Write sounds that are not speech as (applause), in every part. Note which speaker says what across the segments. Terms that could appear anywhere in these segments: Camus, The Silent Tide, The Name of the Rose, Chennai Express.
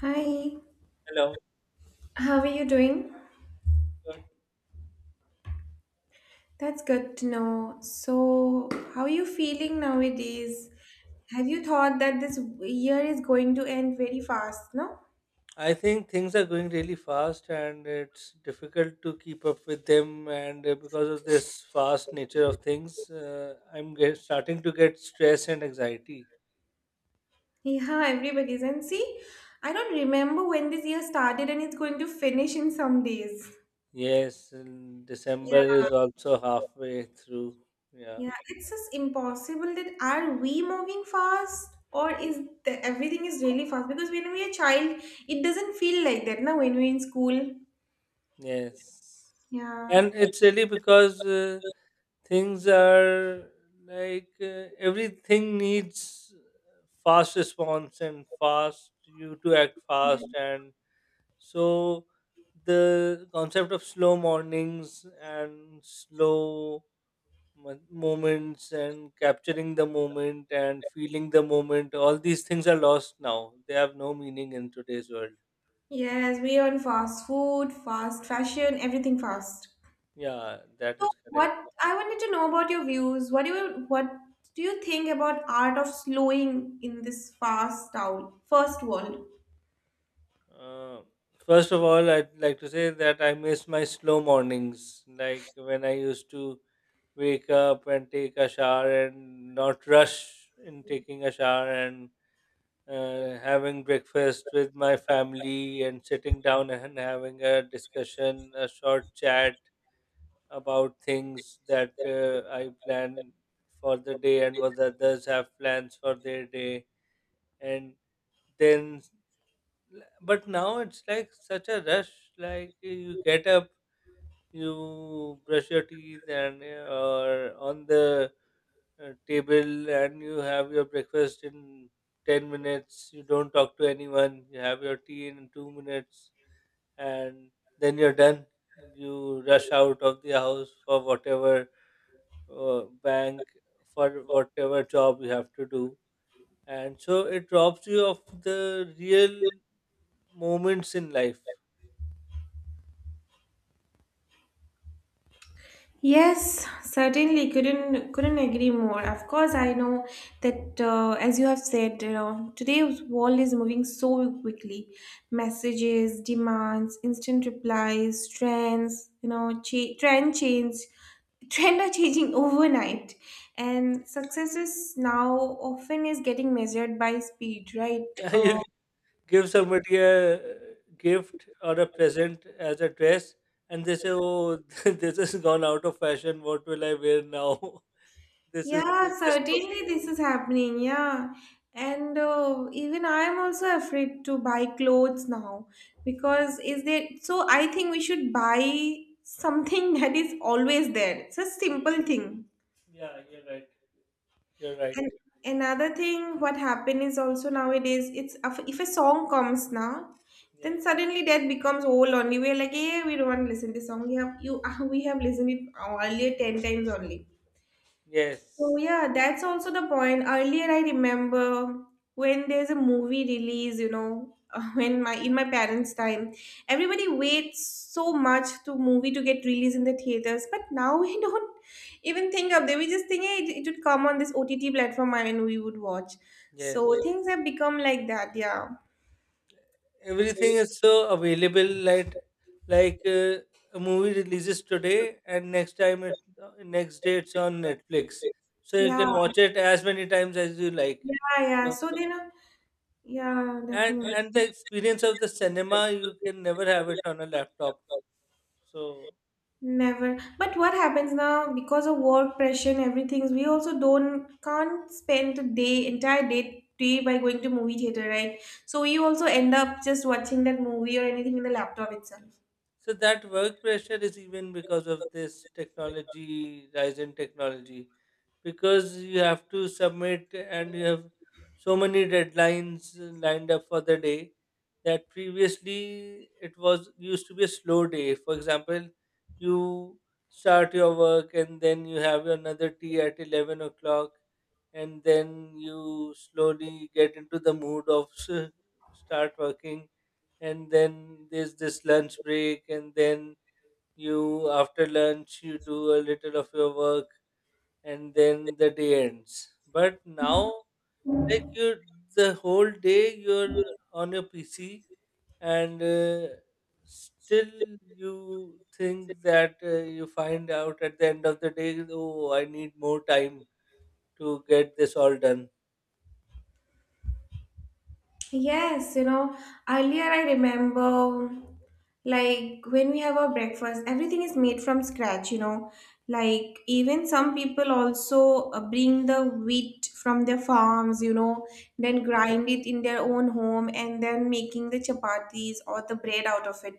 Speaker 1: Hi,
Speaker 2: Hello.
Speaker 1: how are you doing?
Speaker 2: Good.
Speaker 1: That's good to know. So, how are you feeling nowadays? Have you thought that this year is going to end very fast, no?
Speaker 2: I think things are going really fast and it's difficult to keep up with them. And because of this fast nature of things, starting to get stress and anxiety.
Speaker 1: Yeah, everybody's. And see, I don't remember when this year started and it's going to finish in some days.
Speaker 2: Yes, and
Speaker 1: Yeah.
Speaker 2: December is also halfway through. Yeah,
Speaker 1: Yeah, it's just impossible that are we moving fast or is everything is really fast? Because when we are a child, it doesn't feel like that, now when we're in school.
Speaker 2: yes.
Speaker 1: Yeah.
Speaker 2: And it's really because things are everything needs fast response and you to act fast and so the concept of slow mornings and slow moments and capturing the moment and feeling the moment, all these things are lost now. They have no meaning in today's world.
Speaker 1: Yes, we are on fast food, fast fashion, everything fast.
Speaker 2: Yeah, that
Speaker 1: So,
Speaker 2: is correct.
Speaker 1: what I wanted to know about your views. What do you think about art of slowing in this fast town, first world?
Speaker 2: Uh, First of all, I'd like to say that I miss my slow mornings, like when I used to wake up and take a shower and not rush in taking a shower and having breakfast with my family and sitting down and having a discussion, a short chat about things that I plan for the day and what the others have plans for their day. And then, but now it's like such a rush. Like you get up, you brush your teeth and on the table and you have your breakfast in 10 minutes. You don't talk to anyone, you have your tea in 2 minutes, and then you're done. You rush out of the house for whatever bank, for whatever job you have to do, and so it robs you of the real moments in life.
Speaker 1: Yes, certainly couldn't agree more. Of course, I know that as you have said, you know, today's world is moving so quickly. Messages, demands, instant replies, trends, you know, trend change, trend are changing (laughs) overnight,
Speaker 2: (laughs)
Speaker 1: and
Speaker 2: Yes.
Speaker 1: success is now often is getting measured by speed, right?
Speaker 2: Yeah, you give somebody a gift or a present as a dress, and they say, oh, (laughs) this has gone out of fashion, what will I wear now? (laughs) This is
Speaker 1: Yeah,
Speaker 2: this.
Speaker 1: certainly this is happening. Yeah. And even I am also afraid to buy clothes now because is there so I think we should buy something (laughs) that is always there. It's a
Speaker 2: Yeah,
Speaker 1: simple thing.
Speaker 2: yeah, you're right, you're right.
Speaker 1: And another thing what happened is also nowadays it's if a song comes now,
Speaker 2: Yeah.
Speaker 1: then suddenly that becomes old only. We're like, hey, we don't want to listen to this song, we have you (laughs) we have listened it earlier 10 times only. So
Speaker 2: Yes.
Speaker 1: yeah, that's also the point. Earlier, I remember when there's a movie release, you know, (laughs) when my in my parents' time, everybody waits so much to movie to get released in the theaters. But now we (laughs) don't even think of that. We just think, hey, it would come on this OTT platform and we would watch. So
Speaker 2: Yes,
Speaker 1: things have become like that. Yeah,
Speaker 2: everything is so available. Like a movie releases today and uh, next day it's on Netflix, so you
Speaker 1: yeah,
Speaker 2: can watch it as many times as you like.
Speaker 1: yeah.
Speaker 2: So
Speaker 1: So then, yeah, definitely.
Speaker 2: and the experience of the cinema, you can never have it on a laptop. So
Speaker 1: Never. But what happens now because of work pressure and everything, we also don't can't spend a day, entire day by going to movie theater, right? So we also end up just watching that movie or anything in the laptop itself.
Speaker 2: so that work pressure is even because of this technology, rise in technology, because you have to submit and you have so many deadlines lined up for the day. That previously it was used to be a slow day. For example, you start your work and then you have another tea at 11 o'clock, and then you slowly get into the mood of start working, and then there's this lunch break, and then you, after lunch, you do a little of your work, and then the day ends. But now, like, you, the whole day you're on your PC and still you think that you find out at the end of the day, oh, I need more time to get this all done.
Speaker 1: Yes, you know, earlier I remember like when we have our breakfast, everything is made from scratch, you know. Like even some people also bring the wheat from their farms, you know, then
Speaker 2: Hmm.
Speaker 1: grind it in their own home and then making the chapatis or the bread out of it.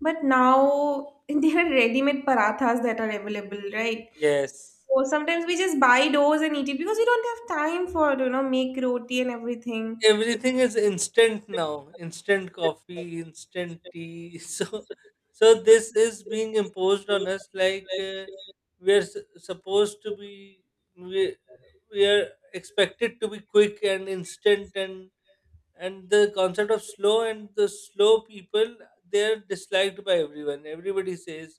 Speaker 1: But now (laughs) there are ready-made parathas that are available, right?
Speaker 2: Yes.
Speaker 1: So sometimes we just buy those and eat it because we don't have time for, you know, make roti and everything.
Speaker 2: Everything is instant now. Instant coffee, instant tea. (laughs) So so this is being imposed on us. We are supposed to be, we, we are expected to be quick and instant, and the concept of slow and the slow people, they are disliked by everyone. Everybody says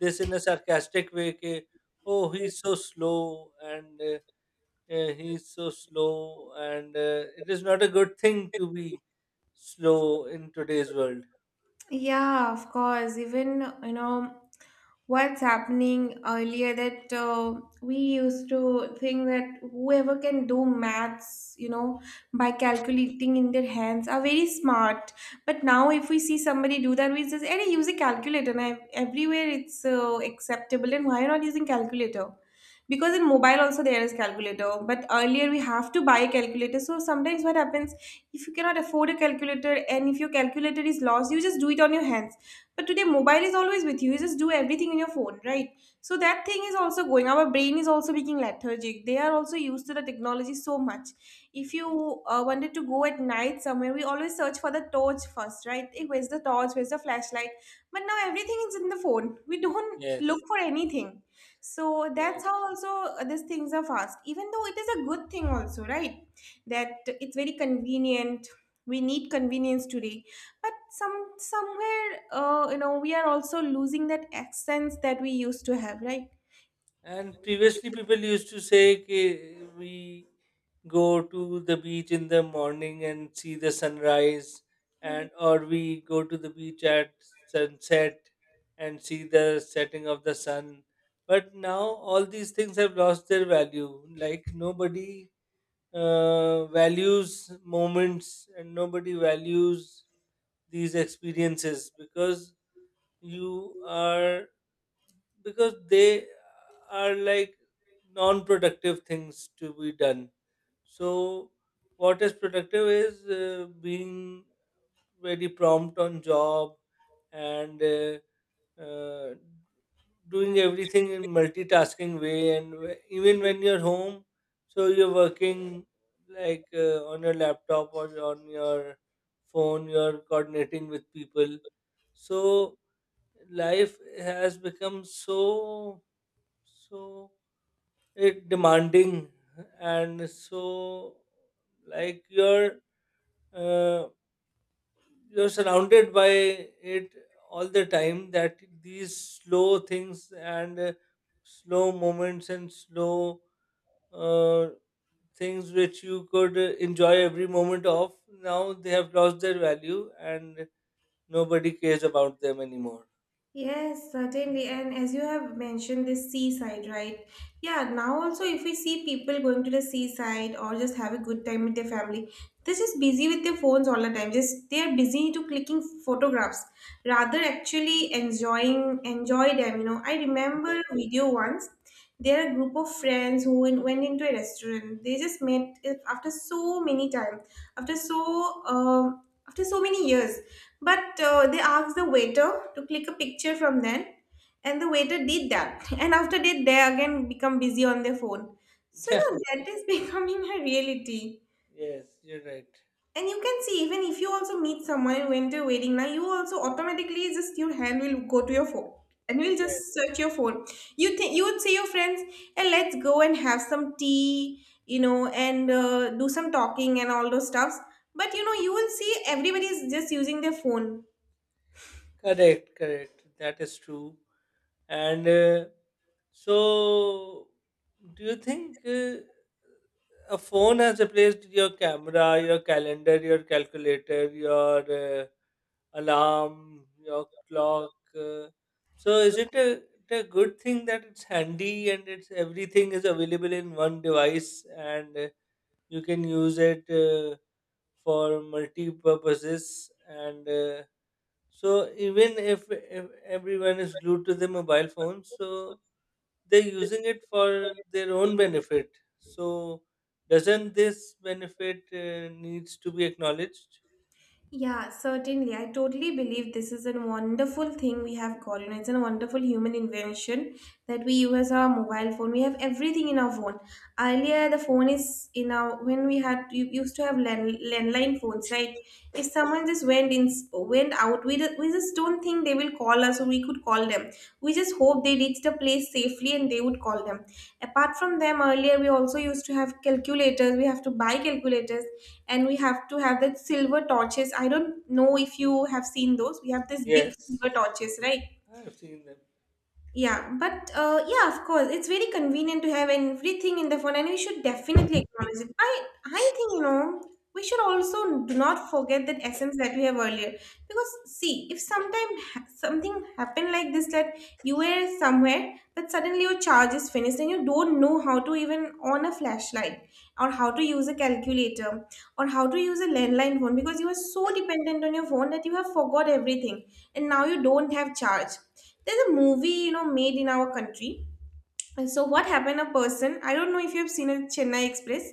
Speaker 2: this in a sarcastic way. Ke, oh, he's so slow and he's so slow and it is not a good thing to be slow in today's world.
Speaker 1: Yeah, of course. Even, you know, what's happening earlier that we used to think that whoever can do maths, you know, by calculating in their hands are very smart. But now, if we see somebody do that, we just, hey, use a calculator. And I, everywhere it's acceptable. And why not using calculator? Because in mobile also there is calculator, but earlier we have to buy a calculator. So sometimes what happens, if you cannot afford a calculator and if your calculator is lost, you just do it on your hands. But today mobile is always with you, you just do everything on your phone, right? So that thing is also going, our brain is also becoming lethargic, they are also used to the technology so much. If you wanted to go at night somewhere, we always search for the torch first, right? Eh, where's the torch, where's the flashlight? But now everything is in the phone, we don't look
Speaker 2: Yes.
Speaker 1: for anything. So that's how
Speaker 2: Yes.
Speaker 1: also these things are fast, even though it is a good thing also, right? That it's very convenient, we need convenience today. But somewhere you know, we are also losing that accents that we used to have, right?
Speaker 2: And previously people used to say कि we go to the beach in the morning and see the sunrise, and or we go to the beach at sunset and see the setting of the sun. But now all these things have lost their value. Like nobody values moments and nobody values these experiences, because you are, because they are like non productive things to be done. So what is productive is being very prompt on job and uh, doing everything in multitasking way, and even when you're home, so you're working, like on your laptop or on your phone, you're coordinating with people. So life has become so, so it demanding, and so, like, uh, you're surrounded by it all the time. That these slow things and slow moments and slow uh, things which you could enjoy every moment of, now they have lost their value and nobody cares about them anymore.
Speaker 1: Yes, certainly. And as you have mentioned, this seaside, right? Yeah, now also, if we see people going to the seaside or just have a good time with their family, they're just busy with their phones all the time. Just they are busy to clicking photographs rather actually enjoy them. You know, I
Speaker 2: Yeah,
Speaker 1: remember a video once. There are a group of friends who went into a restaurant. They just met after so many time, after so um, after so many years, but they asked the waiter to click a picture from them, and the waiter did that. (laughs) And after that, they again become busy on their phone. So you
Speaker 2: yeah,
Speaker 1: know that is (laughs) becoming a reality.
Speaker 2: (laughs) yes, you're right.
Speaker 1: And you can see, even if you also meet someone and went to a wedding, now you also automatically just your hand will go to your phone and you will just
Speaker 2: Yes,
Speaker 1: search your phone. You think you would see your friends and let's go and have some tea, you know, and do some talking and all those stuffs. But you know, you will see everybody is just using their phone.
Speaker 2: correct, correct, that is true. And so, do you think a phone has replaced your camera, your calendar, your calculator, your alarm, your clock? So, is it a good thing that it's handy and it's everything is available in one device, and you can use it for multi purposes, and so even if everyone is glued to the mobile phone, so they're using it for their own benefit. So doesn't this benefit needs to be acknowledged?
Speaker 1: Yeah, certainly. I totally believe this is a wonderful thing we have got. You know, it's a wonderful human invention that we use our mobile phone. We have everything in our phone. Earlier, the phone is in our when we had you used to have landline phones, right? If someone just went out, we just, don't think they will call us or we could call them. We just hope they reached the place safely and they would call them. Apart from them, earlier we also used to have calculators. We have to buy calculators and we have to have that silver torches. I don't know if you have seen those. We have this big
Speaker 2: Yes.
Speaker 1: silver torches, right?
Speaker 2: I've seen them.
Speaker 1: Yeah, but yeah, of course, it's very convenient to have everything in the phone, and we should definitely acknowledge it. I think, you know, we should also do not forget that essence that we have earlier, because see, if sometime something happened like this that you were somewhere, but suddenly your charge is finished and you don't know how to even on a flashlight or how to use a calculator or how to use a landline phone, because you are so dependent on your phone that you have forgot everything and now you don't have charge. There's a movie, you know, made in our country. And so what happened, a person, I don't know if you have seen a Chennai Express.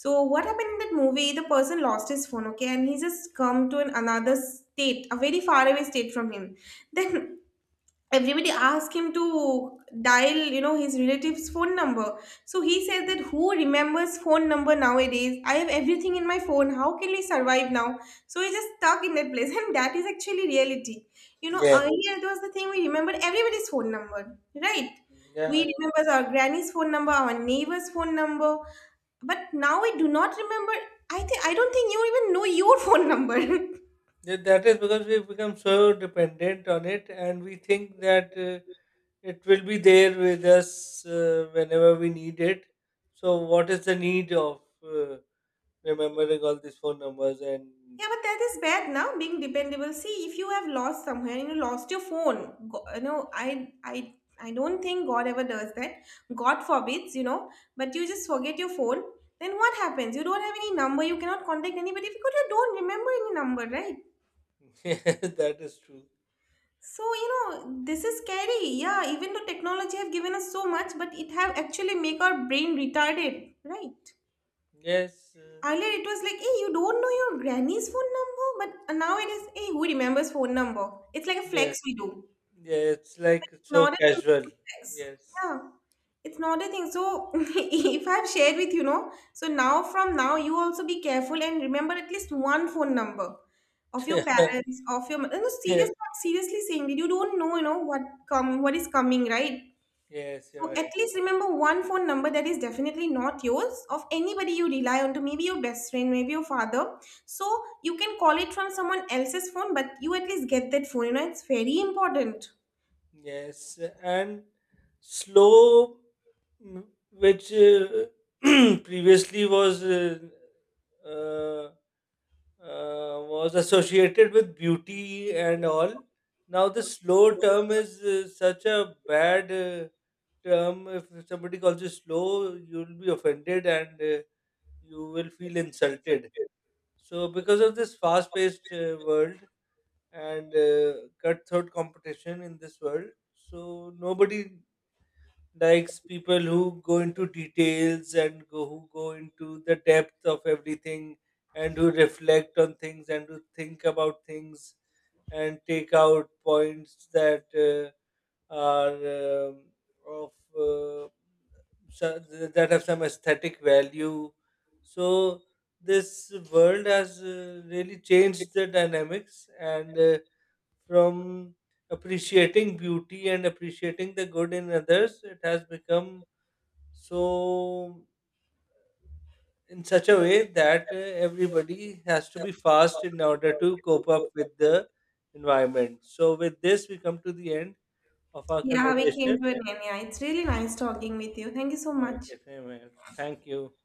Speaker 1: So what happened in that movie, the person lost his phone, okay, and he just come to another state, a very far away state from him. Then everybody asked him to dial, you know, his relative's phone number. So he said that, who remembers phone number nowadays? I have everything in my phone, how can we survive now? So he's just stuck in that place (laughs) and that is actually reality. You know,
Speaker 2: Yes.
Speaker 1: earlier it was the thing, we remembered everybody's phone number, right? We
Speaker 2: Yeah.
Speaker 1: remember our granny's phone number, our neighbor's phone number, but now we do not remember. I don't think you even know your phone number. (laughs)
Speaker 2: That is because we've become so dependent on it, and we think that it will be there with us whenever we need it. So, what is the need of remembering all these phone numbers? And
Speaker 1: Yeah, but that is bad now, being dependable. See, if you have lost somewhere, you know, lost your phone, go, you know, I don't think God ever does that. God forbids, you know, but you just forget your phone. Then what happens? You don't have any number. You cannot contact anybody because you don't remember any number, right?
Speaker 2: (laughs) that is true.
Speaker 1: So, you know, this is scary. Yeah, even though technology have given us so much, but it have actually make our brain retarded, right?
Speaker 2: Yes,
Speaker 1: Earlier it was like, hey, you don't know your granny's phone number, but now it is, hey, who remembers phone number? It's like a
Speaker 2: yes.
Speaker 1: flex we do.
Speaker 2: Yeah, it's like
Speaker 1: It's
Speaker 2: so
Speaker 1: not a thing
Speaker 2: casual.
Speaker 1: to flex.
Speaker 2: Yes.
Speaker 1: Yeah, it's not a thing. So (laughs) if I've shared with you, know, so now from now you also be careful and remember at least one phone number of your
Speaker 2: (laughs)
Speaker 1: parents, of your. No,
Speaker 2: Yeah.
Speaker 1: serious, seriously saying that you don't know, you know what come, what is coming, right?
Speaker 2: Yes, you're
Speaker 1: So at
Speaker 2: right.
Speaker 1: least remember one phone number that is definitely not yours, of anybody you rely on to, maybe your best friend, maybe your father. So you can call it from someone else's phone, but you at least get that phone. You know, it's very important.
Speaker 2: Yes, and slow, mm, which (clears throat) previously uh, was associated with beauty and all. Now the slow term is such a bad term. If somebody calls you slow, you'll be offended and you will feel insulted. So, because of this fast paced world and cutthroat competition in this world, so nobody likes people who go into details and go, who go into the depth of everything, and who reflect on things, and who think about things, and take out points are um of uh, so- that have some aesthetic value. So this world has really changed the dynamics, and from appreciating beauty and appreciating the good in others, it has become so in such a way that everybody has to be fast in order to cope up with the environment. So with this, we come to the end of our
Speaker 1: Yeah, we came
Speaker 2: conversation.
Speaker 1: to an end. Yeah, it's really nice talking with you. Thank you so much.
Speaker 2: Okay, same here. Thank you.